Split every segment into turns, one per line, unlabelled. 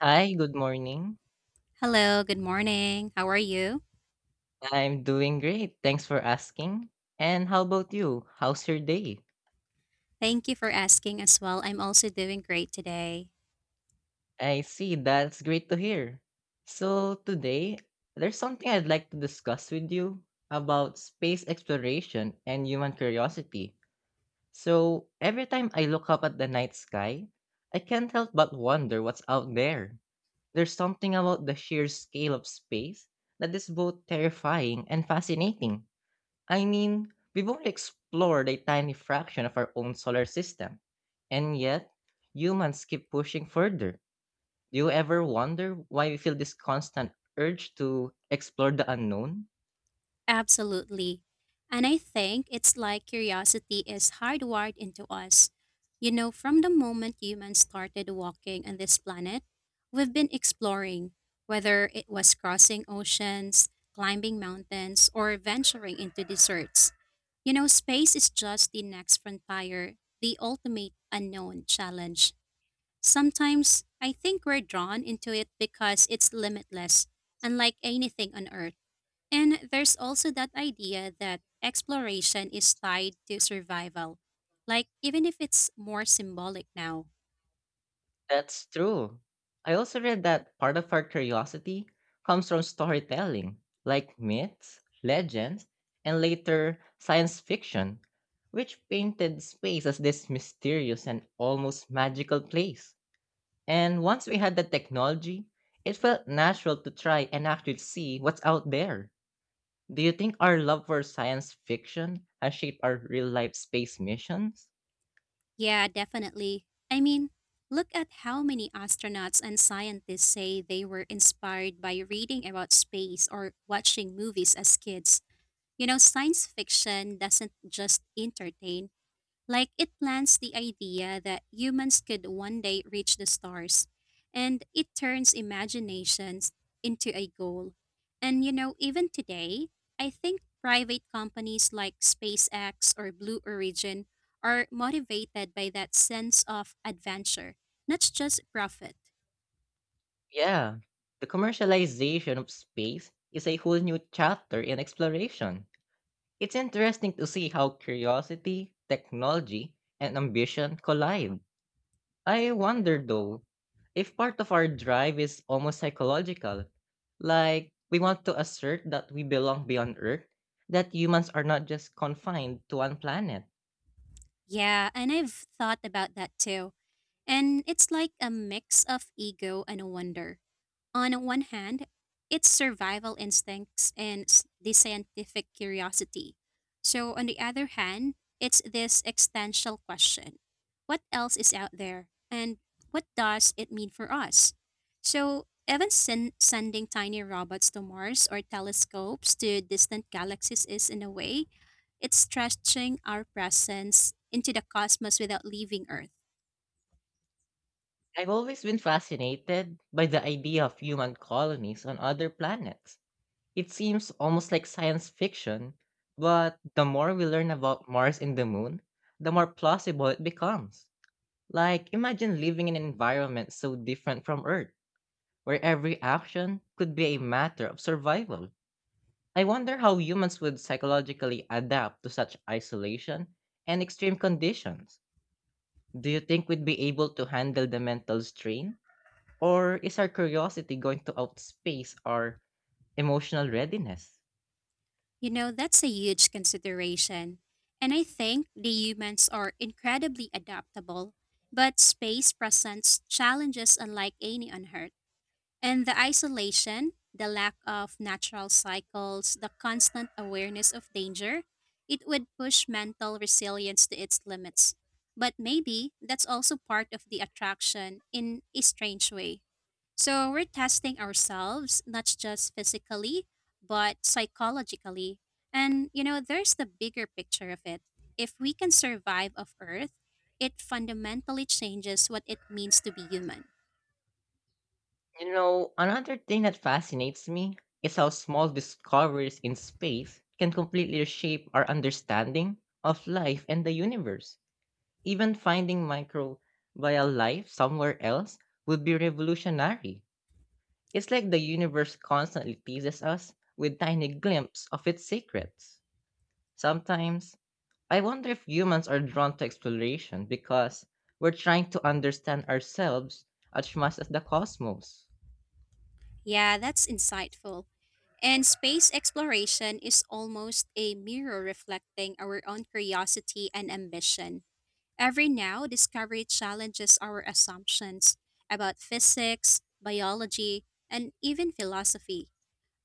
Hi, good morning.
Hello, good morning. How are you?
I'm doing great. Thanks for asking. And how about you? How's your day?
Thank you for asking as well. I'm also doing great today.
I see. That's great to hear. So, today, there's something I'd like to discuss with you about space exploration and human curiosity. So, every time I look up at the night sky, I can't help but wonder what's out there. There's something about the sheer scale of space that is both terrifying and fascinating. I mean, we've only explored a tiny fraction of our own solar system, and yet humans keep pushing further. Do you ever wonder why we feel this constant urge to explore the unknown?
Absolutely. And I think it's like curiosity is hardwired into us. You know, from the moment humans started walking on this planet, we've been exploring, whether it was crossing oceans, climbing mountains, or venturing into deserts. You know, space is just the next frontier, the ultimate unknown challenge. Sometimes I think we're drawn into it because it's limitless, unlike anything on Earth. And there's also that idea that exploration is tied to survival, like even if it's more symbolic now.
That's true. I also read that part of our curiosity comes from storytelling, like myths, legends, and later science fiction, which painted space as this mysterious and almost magical place. And once we had the technology, it felt natural to try and actually see what's out there. Do you think our love for science fiction has shaped our real life space missions?
Yeah, definitely. I mean, look at how many astronauts and scientists say they were inspired by reading about space or watching movies as kids. You know, science fiction doesn't just entertain. Like it plants the idea that humans could one day reach the stars, and it turns imaginations into a goal. And you know, even today, I think private companies like SpaceX or Blue Origin are motivated by that sense of adventure, not just profit.
Yeah, the commercialization of space is a whole new chapter in exploration. It's interesting to see how curiosity, technology, and ambition collide. I wonder though, if part of our drive is almost psychological, like we want to assert that we belong beyond Earth, that humans are not just confined to one planet.
Yeah, and I've thought about that too. And it's like a mix of ego and wonder. On one hand, it's survival instincts and the scientific curiosity. So, on the other hand, it's this existential question what else is out there and what does it mean for us? So, even sending tiny robots to Mars or telescopes to distant galaxies is, in a way, it's stretching our presence into the cosmos without leaving Earth.
I've always been fascinated by the idea of human colonies on other planets. It seems almost like science fiction, but the more we learn about Mars and the moon, the more plausible it becomes. Like, imagine living in an environment so different from Earth, where every action could be a matter of survival. I wonder how humans would psychologically adapt to such isolation and extreme conditions. Do you think we'd be able to handle the mental strain? Or is our curiosity going to outspace our emotional readiness?
You know, that's a huge consideration. And I think the humans are incredibly adaptable, but space presents challenges unlike any on Earth. And the isolation, the lack of natural cycles, the constant awareness of danger, it would push mental resilience to its limits. But maybe that's also part of the attraction in a strange way. So we're testing ourselves, not just physically, but psychologically. And, you know, there's the bigger picture of it. If we can survive off Earth, it fundamentally changes what it means to be human.
You know, another thing that fascinates me is how small discoveries in space can completely reshape our understanding of life and the universe. Even finding microbial life somewhere else would be revolutionary. It's like the universe constantly teases us with tiny glimpses of its secrets. Sometimes, I wonder if humans are drawn to exploration because we're trying to understand ourselves as much as the cosmos.
Yeah, that's insightful. And space exploration is almost a mirror reflecting our own curiosity and ambition. Every now, discovery challenges our assumptions about physics, biology, and even philosophy.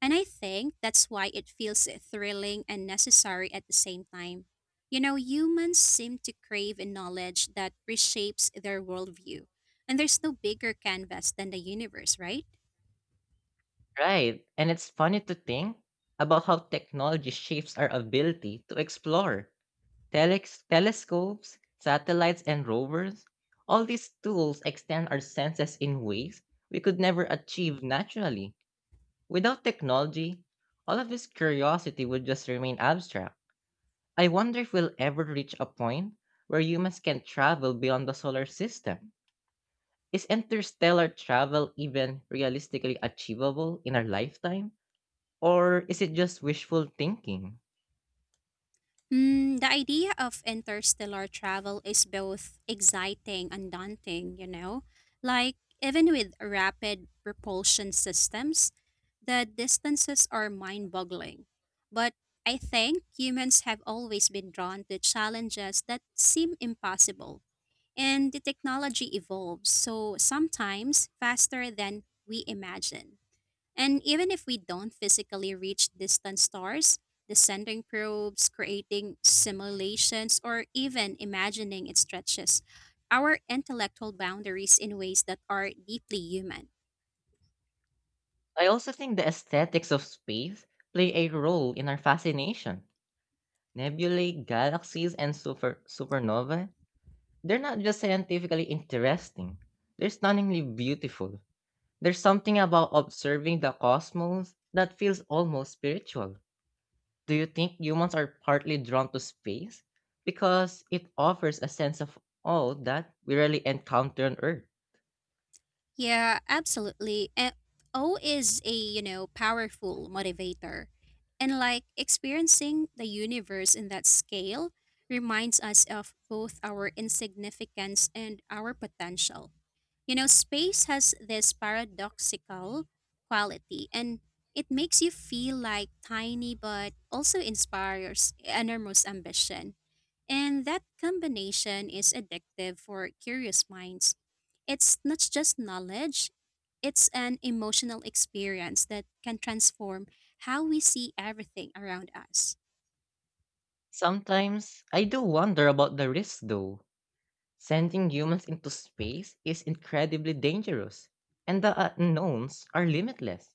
And I think that's why it feels thrilling and necessary at the same time. You know, humans seem to crave a knowledge that reshapes their worldview. And there's no bigger canvas than the universe, right?
Right, and it's funny to think about how technology shapes our ability to explore. Telescopes, satellites, and rovers, all these tools extend our senses in ways we could never achieve naturally. Without technology, all of this curiosity would just remain abstract. I wonder if we'll ever reach a point where humans can travel beyond the solar system. Is interstellar travel even realistically achievable in our lifetime? Or is it just wishful thinking?
The idea of interstellar travel is both exciting and daunting, you know? Like, even with rapid propulsion systems, the distances are mind boggling. But I think humans have always been drawn to challenges that seem impossible. And the technology evolves, so sometimes faster than we imagine. And even if we don't physically reach distant stars, the sending probes, creating simulations, or even imagining it stretches our intellectual boundaries in ways that are deeply human.
I also think the aesthetics of space play a role in our fascination. Nebulae, galaxies, and super supernova, they're not just scientifically interesting, they're stunningly beautiful. There's something about observing the cosmos that feels almost spiritual. Do you think humans are partly drawn to space? Because it offers a sense of awe that we rarely encounter on Earth.
Yeah, absolutely. And O is a, you know, powerful motivator. And like experiencing the universe in that scale reminds us of both our insignificance and our potential. You know, space has this paradoxical quality and it makes you feel like tiny but also inspires enormous ambition. And that combination is addictive for curious minds. It's not just knowledge, it's an emotional experience that can transform how we see everything around us.
Sometimes I do wonder about the risk though. Sending humans into space is incredibly dangerous, and the unknowns are limitless.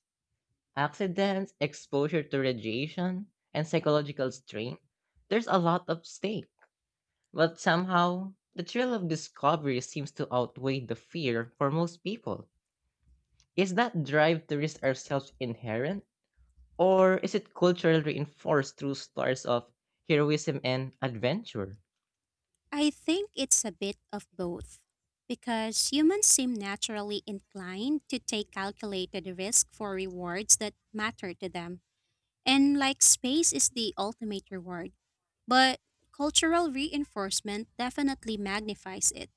Accidents, exposure to radiation, and psychological strain, there's a lot at stake. But somehow, the thrill of discovery seems to outweigh the fear for most people. Is that drive to risk ourselves inherent, or is it culturally reinforced through stories of heroism and adventure?
I think it's a bit of both, because humans seem naturally inclined to take calculated risk for rewards that matter to them, and like space is the ultimate reward. But cultural reinforcement definitely magnifies it.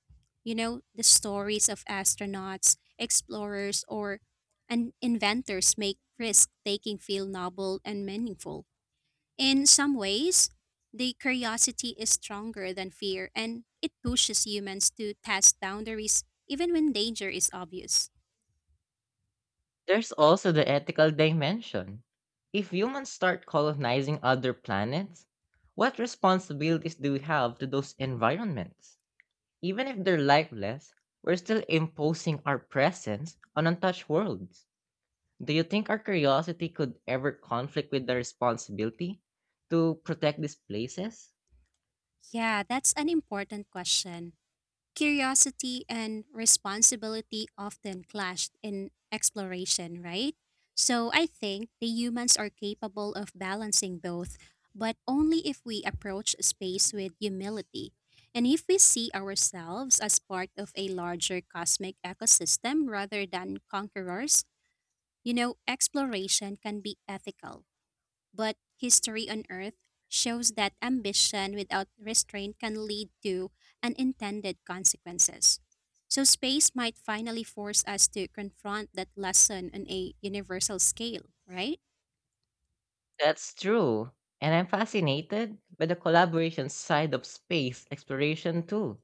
You know, the stories of astronauts, explorers, or and inventors make risk taking feel noble and meaningful. In some ways, the curiosity is stronger than fear and it pushes humans to test boundaries even when danger is obvious.
There's also the ethical dimension. If humans start colonizing other planets, what responsibilities do we have to those environments? Even if they're lifeless, we're still imposing our presence on untouched worlds. Do you think our curiosity could ever conflict with the responsibility to protect these places?
Yeah, that's an important question. Curiosity and responsibility often clashed in exploration, right? So I think the humans are capable of balancing both, but only if we approach space with humility. And if we see ourselves as part of a larger cosmic ecosystem rather than conquerors, you know, exploration can be ethical. But history on Earth shows that ambition without restraint can lead to unintended consequences. So, space might finally force us to confront that lesson on a universal scale, right?
That's true. And I'm fascinated by the collaboration side of space exploration too.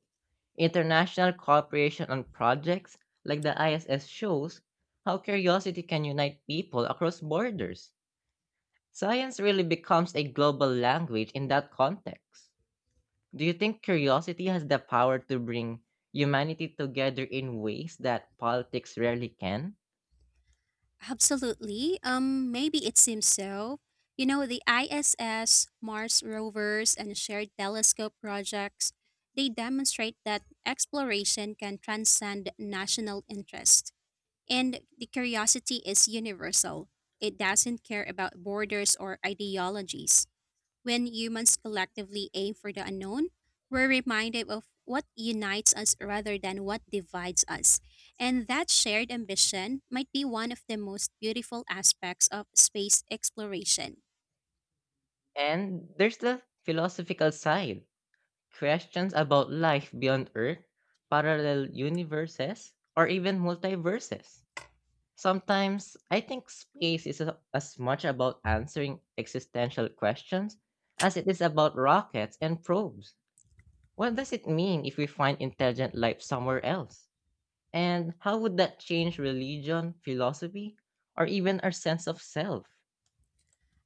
International cooperation on projects like the ISS shows how curiosity can unite people across borders. Science really becomes a global language in that context. Do you think curiosity has the power to bring humanity together in ways that politics rarely can?
Absolutely. Maybe it seems so. You know, the ISS, Mars rovers, and shared telescope projects, they demonstrate that exploration can transcend national interest. And the curiosity is universal. It doesn't care about borders or ideologies. When humans collectively aim for the unknown, we're reminded of what unites us rather than what divides us. And that shared ambition might be one of the most beautiful aspects of space exploration.
And there's the philosophical side questions about life beyond Earth, parallel universes, or even multiverses. Sometimes I think as much about answering existential questions as it is about rockets and probes. What does it mean if we find intelligent life somewhere else? And how would that change religion, philosophy, or even our sense of self?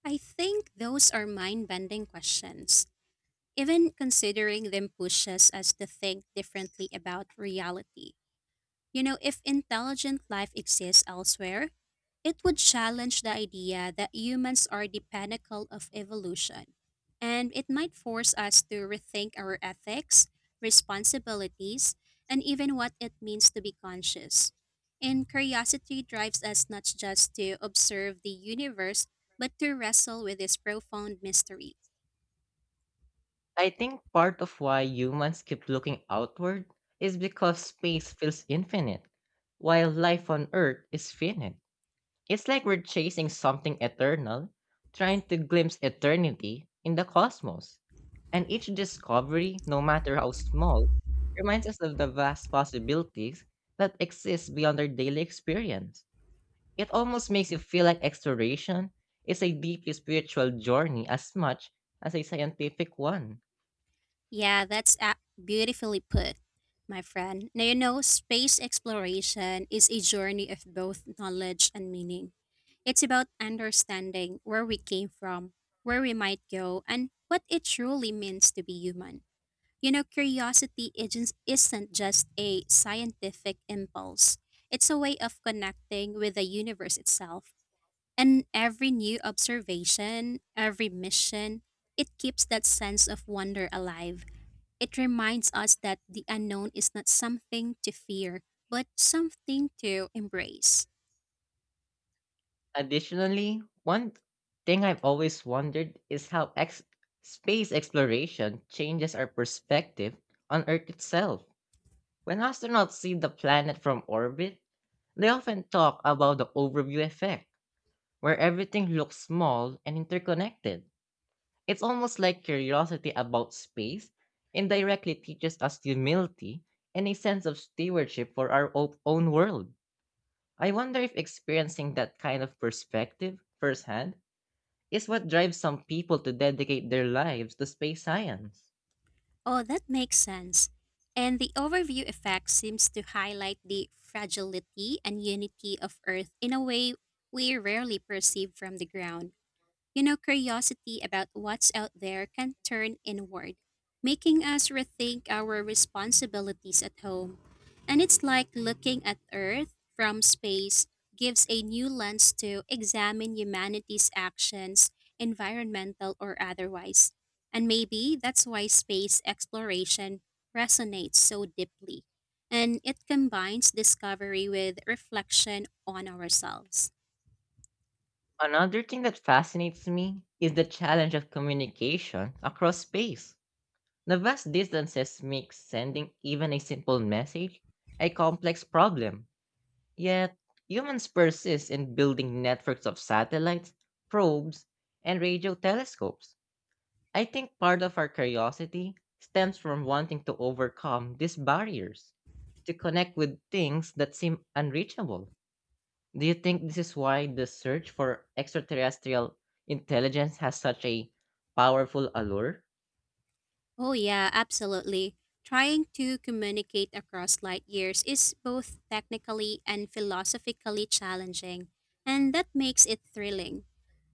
I think those are mind bending questions. Even considering them pushes us to think differently about reality. You know, if intelligent life exists elsewhere, it would challenge the idea that humans are the pinnacle of evolution. And it might force us to rethink our ethics, responsibilities, and even what it means to be conscious. And curiosity drives us not just to observe the universe, but to wrestle with its profound mystery.
I think part of why humans keep looking outward is because space feels infinite, while life on Earth is finite. It's like we're chasing something eternal, trying to glimpse eternity in the cosmos. And each discovery, no matter how small, reminds us of the vast possibilities that exist beyond our daily experience. It almost makes you feel like exploration is a deeply spiritual journey as much as a scientific one.
Yeah, that's beautifully put, my friend. Now, you know, space exploration is a journey of both knowledge and meaning. It's about understanding where we came from, where we might go, and what it truly means to be human. You know, curiosity isn't just a scientific impulse, it's a way of connecting with the universe itself. And every new observation, every mission, it keeps that sense of wonder alive. It reminds us that the unknown is not something to fear, but something to embrace.
Additionally, one thing I've always wondered is space exploration changes our perspective on Earth itself. When astronauts see the planet from orbit, they often talk about the overview effect, where everything looks small and interconnected. It's almost like curiosity about space indirectly teaches us humility and a sense of stewardship for own world. I wonder if experiencing that kind of perspective firsthand is what drives some people to dedicate their lives to space science.
Oh, that makes sense. And the overview effect seems to highlight the fragility and unity of Earth in a way we rarely perceive from the ground. You know, curiosity about what's out there can turn inward, making us rethink our responsibilities at home. And it's like looking at Earth from space gives a new lens to examine humanity's actions, environmental or otherwise. And maybe that's why space exploration resonates so deeply. And it combines discovery with reflection on ourselves.
Another thing that fascinates me is the challenge of communication across space. The vast distances make sending even a simple message a complex problem. Yet, humans persist in building networks of satellites, probes, and radio telescopes. I think part of our curiosity stems from wanting to overcome these barriers, to connect with things that seem unreachable. Do you think this is why the search for extraterrestrial intelligence has such a powerful allure?
Oh, yeah, absolutely. Trying to communicate across light years is both technically and philosophically challenging, and that makes it thrilling.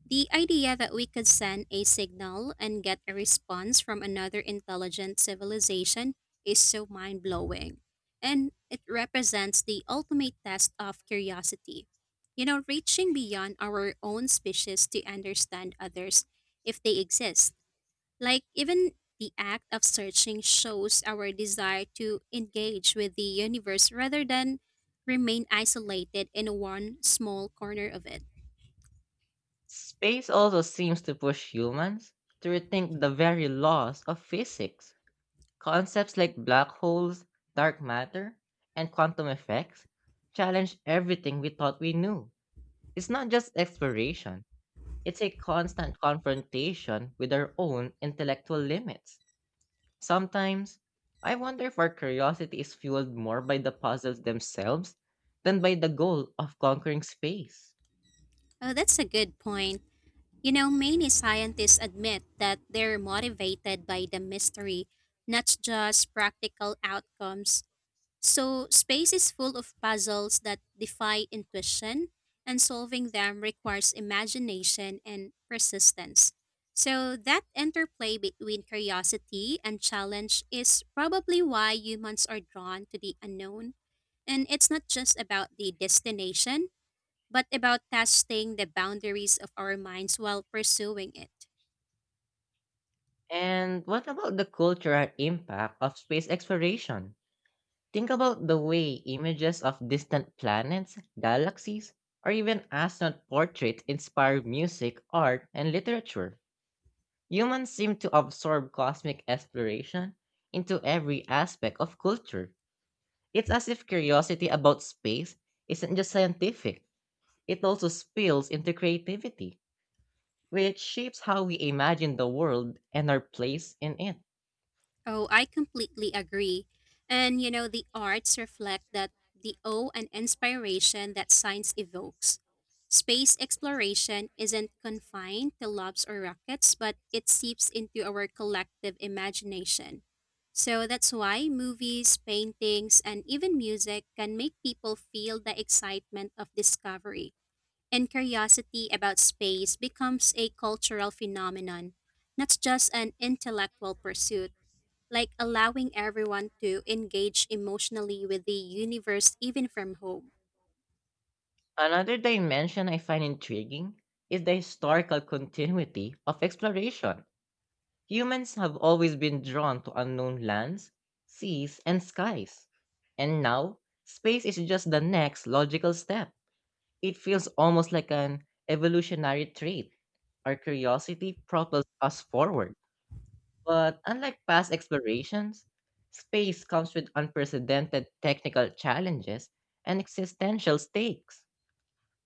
The idea that we could send a signal and get a response from another intelligent civilization is so mind blowing, and it represents the ultimate test of curiosity. You know, reaching beyond our own species to understand others if they exist. Like, even the act of searching shows our desire to engage with the universe rather than remain isolated in one small corner of it.
Space also seems to push humans to rethink the very laws of physics. Concepts like black holes, dark matter, and quantum effects challenge everything we thought we knew. It's not just exploration, it's a constant confrontation with our own intellectual limits. Sometimes, I wonder if our curiosity is fueled more by the puzzles themselves than by the goal of conquering space.
Oh, that's a good point. You know, many scientists admit that they're motivated by the mystery, not just practical outcomes. So, space is full of puzzles that defy intuition, and solving them requires imagination and persistence. So, that interplay between curiosity and challenge is probably why humans are drawn to the unknown. And it's not just about the destination, but about testing the boundaries of our minds while pursuing it.
And what about the cultural impact of space exploration? Think about the way images of distant planets, galaxies, or even astronaut portraits inspire music, art, and literature. Humans seem to absorb cosmic exploration into every aspect of culture. It's as if curiosity about space isn't just scientific, it also spills into creativity, which shapes how we imagine the world and our place in it.
Oh, I completely agree. And you know, the arts reflect that the awe and inspiration that science evokes. Space exploration isn't confined to labs or rockets, but it seeps into our collective imagination. So that's why movies, paintings, and even music can make people feel the excitement of discovery. And curiosity about space becomes a cultural phenomenon, not just an intellectual pursuit. Like allowing everyone to engage emotionally with the universe even from home.
Another dimension I find intriguing is the historical continuity of exploration. Humans have always been drawn to unknown lands, seas, and skies. And now, space is just the next logical step. It feels almost like an evolutionary trait. Our curiosity propels us forward. But unlike past explorations, space comes with unprecedented technical challenges and existential stakes.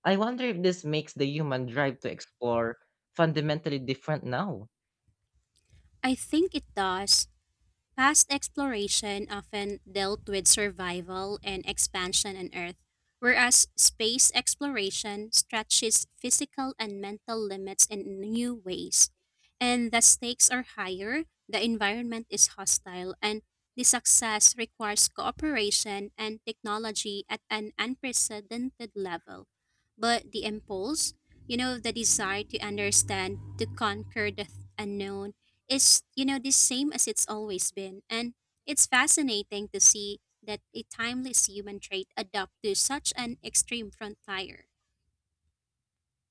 I wonder if this makes the human drive to explore fundamentally different now.
I think it does. Past exploration often dealt with survival and expansion on Earth, whereas space exploration stretches physical and mental limits in new ways. And the stakes are higher, the environment is hostile, and the success requires cooperation and technology at an unprecedented level. But the impulse, you know, the desire to understand, to conquer the unknown, is you know the same as it's always been and it's fascinating to see that a timeless human trait adapt to such an extreme frontier.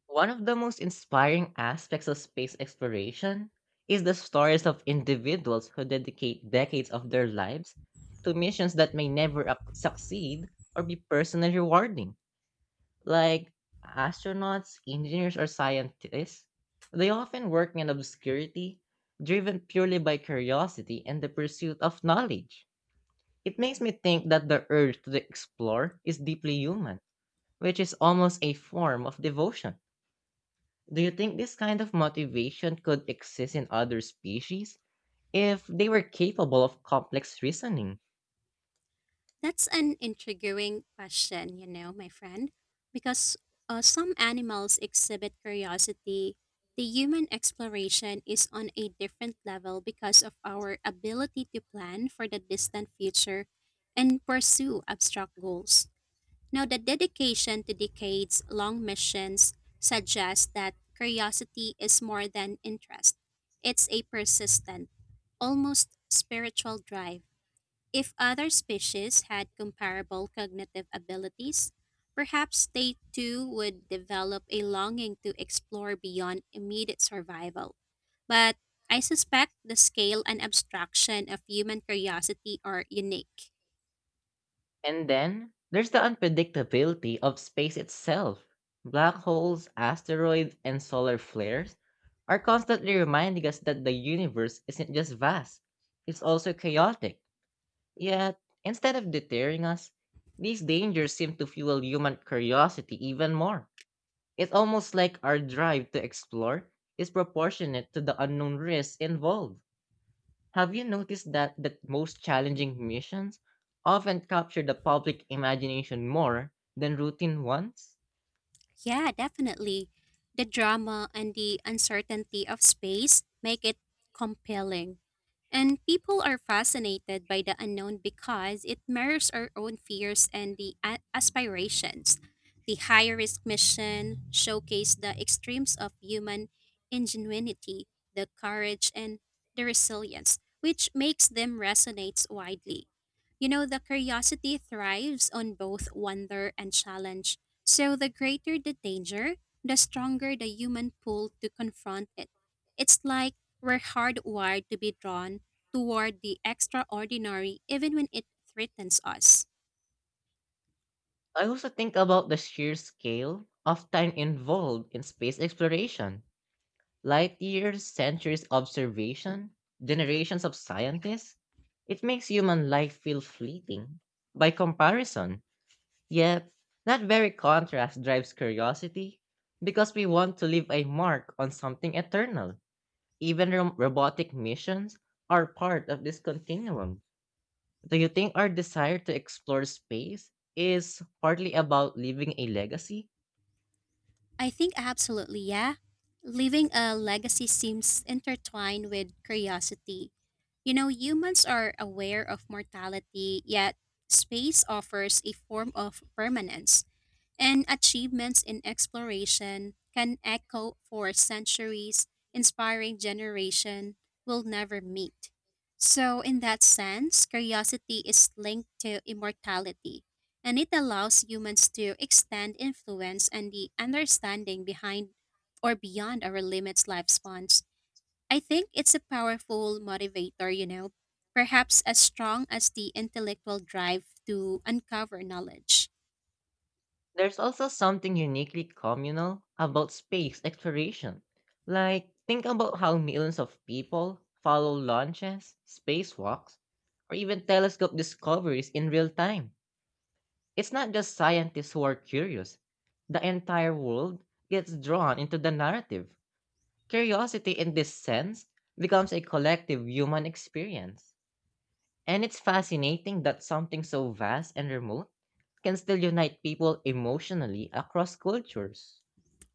One of the most inspiring aspects of space exploration is the stories of individuals who dedicate decades of their lives to missions that may never up- succeed or be personally rewarding. Like astronauts, engineers, or scientists, they often work in obscurity, driven purely by curiosity and the pursuit of knowledge. It makes me think that the urge to explore is deeply human, which is almost a form of devotion. Do you think this kind of motivation could exist in other species if they were capable of complex reasoning?
That's an intriguing question, you know, my friend. Because some animals exhibit curiosity, the human exploration is on a different level because of our ability to plan for the distant future and pursue abstract goals. Now, the dedication to decades long missions suggests that curiosity is more than interest. It's a persistent, almost spiritual drive. If other species had comparable cognitive abilities, perhaps they too would develop a longing to explore beyond immediate survival. But I suspect the scale and abstraction of human curiosity are unique.
And then there's the unpredictability of space itself. Black holes, asteroids, and solar flares are constantly reminding us that the universe isn't just vast, it's also chaotic. Yet, instead of deterring us, these dangers seem to fuel human curiosity even more. It's almost like our drive to explore is proportionate to the unknown risks involved. Have you noticed that the most challenging missions often capture the public imagination more than routine ones?
Yeah, definitely. The drama and the uncertainty of space make it compelling. And people are fascinated by the unknown because it mirrors our own fears and the aspirations. The high risk mission showcased the extremes of human ingenuity, the courage, and the resilience, which makes them resonate widely. You know, the curiosity thrives on both wonder and challenge. So, the greater the danger, the stronger the human pull to confront it. It's like we're hardwired to be drawn toward the extraordinary even when it threatens us.
I also think about the sheer scale of time involved in space exploration. Light years, centuries of observation, generations of scientists. It makes human life feel fleeting. By comparison, yep, that very contrast drives curiosity because we want to leave a mark on something eternal. Even robotic missions are part of this continuum. Do you think our desire to explore space is partly about leaving a legacy?
I think absolutely, yeah. Leaving a legacy seems intertwined with curiosity. You know, humans are aware of mortality, yet space offers a form of permanence. And achievements in exploration can echo for centuries, inspiring generation will never meet. So in that sense, curiosity is linked to immortality, and it allows humans to extend influence and the understanding behind or beyond our limits lifespans. I think it's a powerful motivator, you know, perhaps as strong as the intellectual drive to uncover knowledge.
There's also something uniquely communal about space exploration. Like, think about how millions of people follow launches, spacewalks, or even telescope discoveries in real time. It's not just scientists who are curious. The entire world gets drawn into the narrative. Curiosity, in this sense, becomes a collective human experience. And it's fascinating that something so vast and remote can still unite people emotionally across cultures.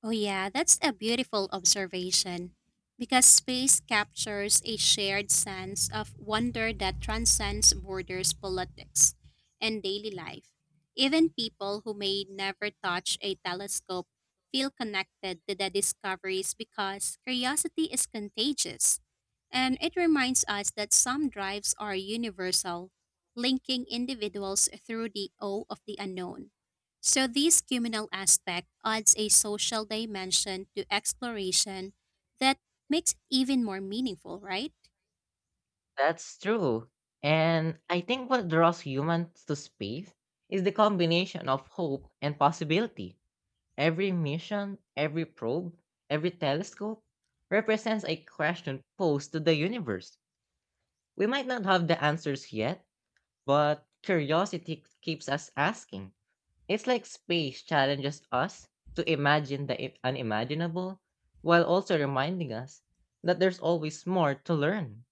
Oh, yeah, that's a beautiful observation. Because space captures a shared sense of wonder that transcends borders, politics, and daily life. Even people who may never touch a telescope feel connected to the discoveries because curiosity is contagious. And it reminds us that some drives are universal, linking individuals through the awe of the unknown. So this communal aspect adds a social dimension to exploration that makes it even more meaningful, right?
That's true. And I think what draws humans to space is the combination of hope and possibility. Every mission, every probe, every telescope represents a question posed to the universe. We might not have the answers yet, but curiosity keeps us asking. It's like space challenges us to imagine unimaginable while also reminding us that there's always more to learn.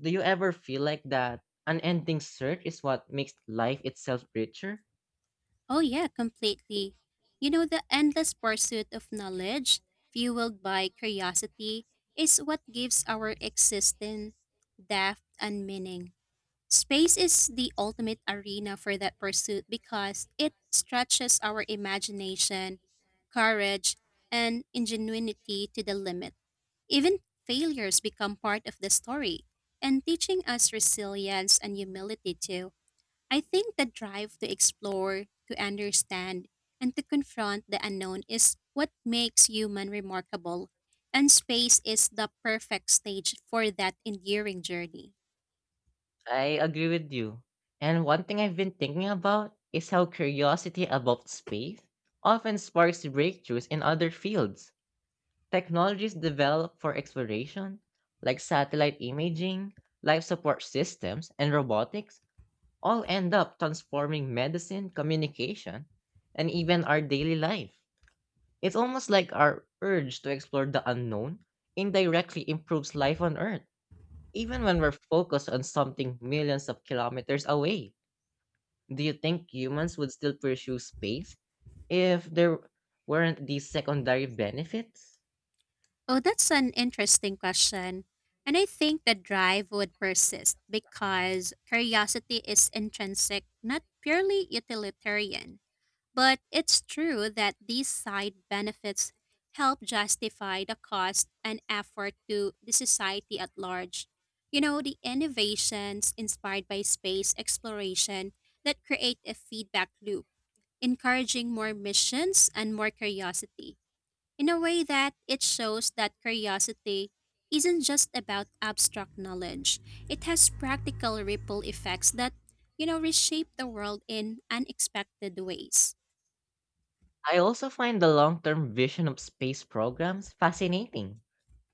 Do you ever feel like that unending search is what makes life itself richer?
Oh yeah, completely. You know, the endless pursuit of knowledge, fueled by curiosity, is what gives our existence depth and meaning. Space is the ultimate arena for that pursuit because it stretches our imagination, courage, and ingenuity to the limit. Even failures become part of the story and teaching us resilience and humility too. I think the drive to explore, to understand, and to confront the unknown is what makes human remarkable, and space is the perfect stage for that enduring journey.
I agree with you. And one thing I've been thinking about is how curiosity about space often sparks breakthroughs in other fields. Technologies developed for exploration, like satellite imaging, life support systems, and robotics, all end up transforming medicine, communication, and even our daily life. It's almost like our urge to explore the unknown indirectly improves life on Earth, even when we're focused on something millions of kilometers away. Do you think humans would still pursue space if there weren't these secondary benefits?
Oh, that's an interesting question. And I think the drive would persist because curiosity is intrinsic, not purely utilitarian. But it's true that these side benefits help justify the cost and effort to the society at large. You know, the innovations inspired by space exploration that create a feedback loop, encouraging more missions and more curiosity, in a way that it shows that curiosity isn't just about abstract knowledge, it has practical ripple effects that, you know, reshape the world in unexpected ways.
I also find the long term vision of space programs fascinating.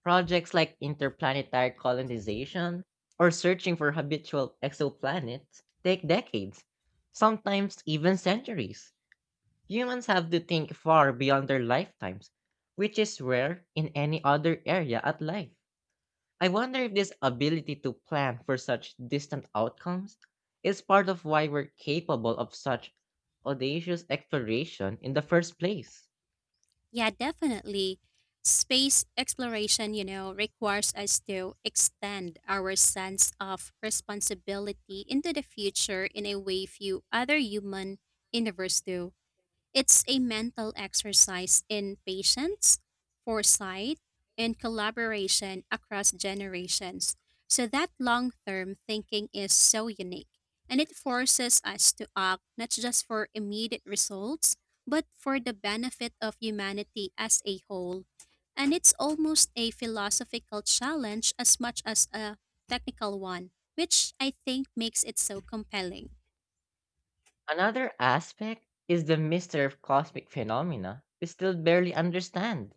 Projects like interplanetary colonization or searching for habitual exoplanets take decades, sometimes even centuries. Humans have to think far beyond their lifetimes, which is rare in any other area of life. I wonder if this ability to plan for such distant outcomes is part of why we're capable of such audacious exploration in the first place.
Yeah, definitely. Space exploration, you know, requires us to extend our sense of responsibility into the future in a way few other human universe do. It's a mental exercise in patience, foresight, and collaboration across generations. So that long term thinking is so unique, and it forces us to act not just for immediate results, but for the benefit of humanity as a whole. And it's almost a philosophical challenge as much as a technical one, which I think makes it so compelling.
Another aspect is the mystery of cosmic phenomena we still barely understand,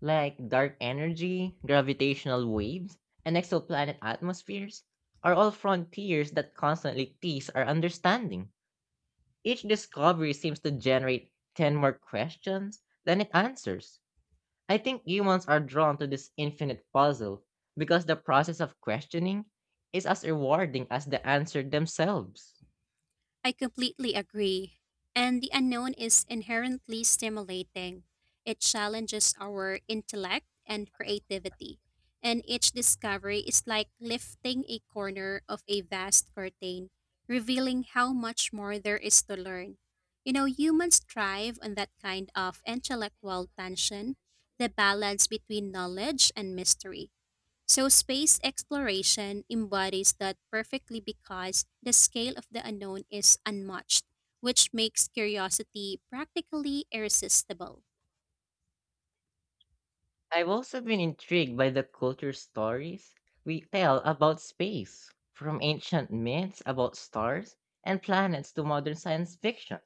like dark energy, gravitational waves, and exoplanet atmospheres are all frontiers that constantly tease our understanding. Each discovery seems to generate 10 more questions than it answers. I think humans are drawn to this infinite puzzle because the process of questioning is as rewarding as the answer themselves.
I completely agree. And the unknown is inherently stimulating. It challenges our intellect and creativity. And each discovery is like lifting a corner of a vast curtain, revealing how much more there is to learn. You know, humans thrive on that kind of intellectual tension, the balance between knowledge and mystery. So, space exploration embodies that perfectly because the scale of the unknown is unmatched, which makes curiosity practically irresistible.
I've also been intrigued by the culture stories we tell about space, from ancient myths about stars and planets to modern science fiction.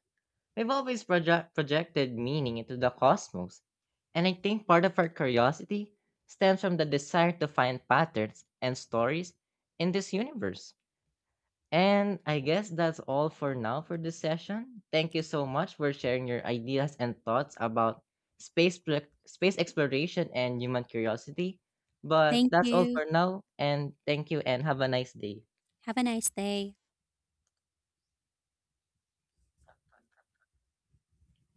We've always projected meaning into the cosmos, and I think part of our curiosity stems from the desire to find patterns and stories in this universe. And I guess that's all for now for this session. Thank you so much for sharing your ideas and thoughts about space exploration and human curiosity. But
Thank
that's all
you.
for now and thank you and have a nice day.
Have a nice day.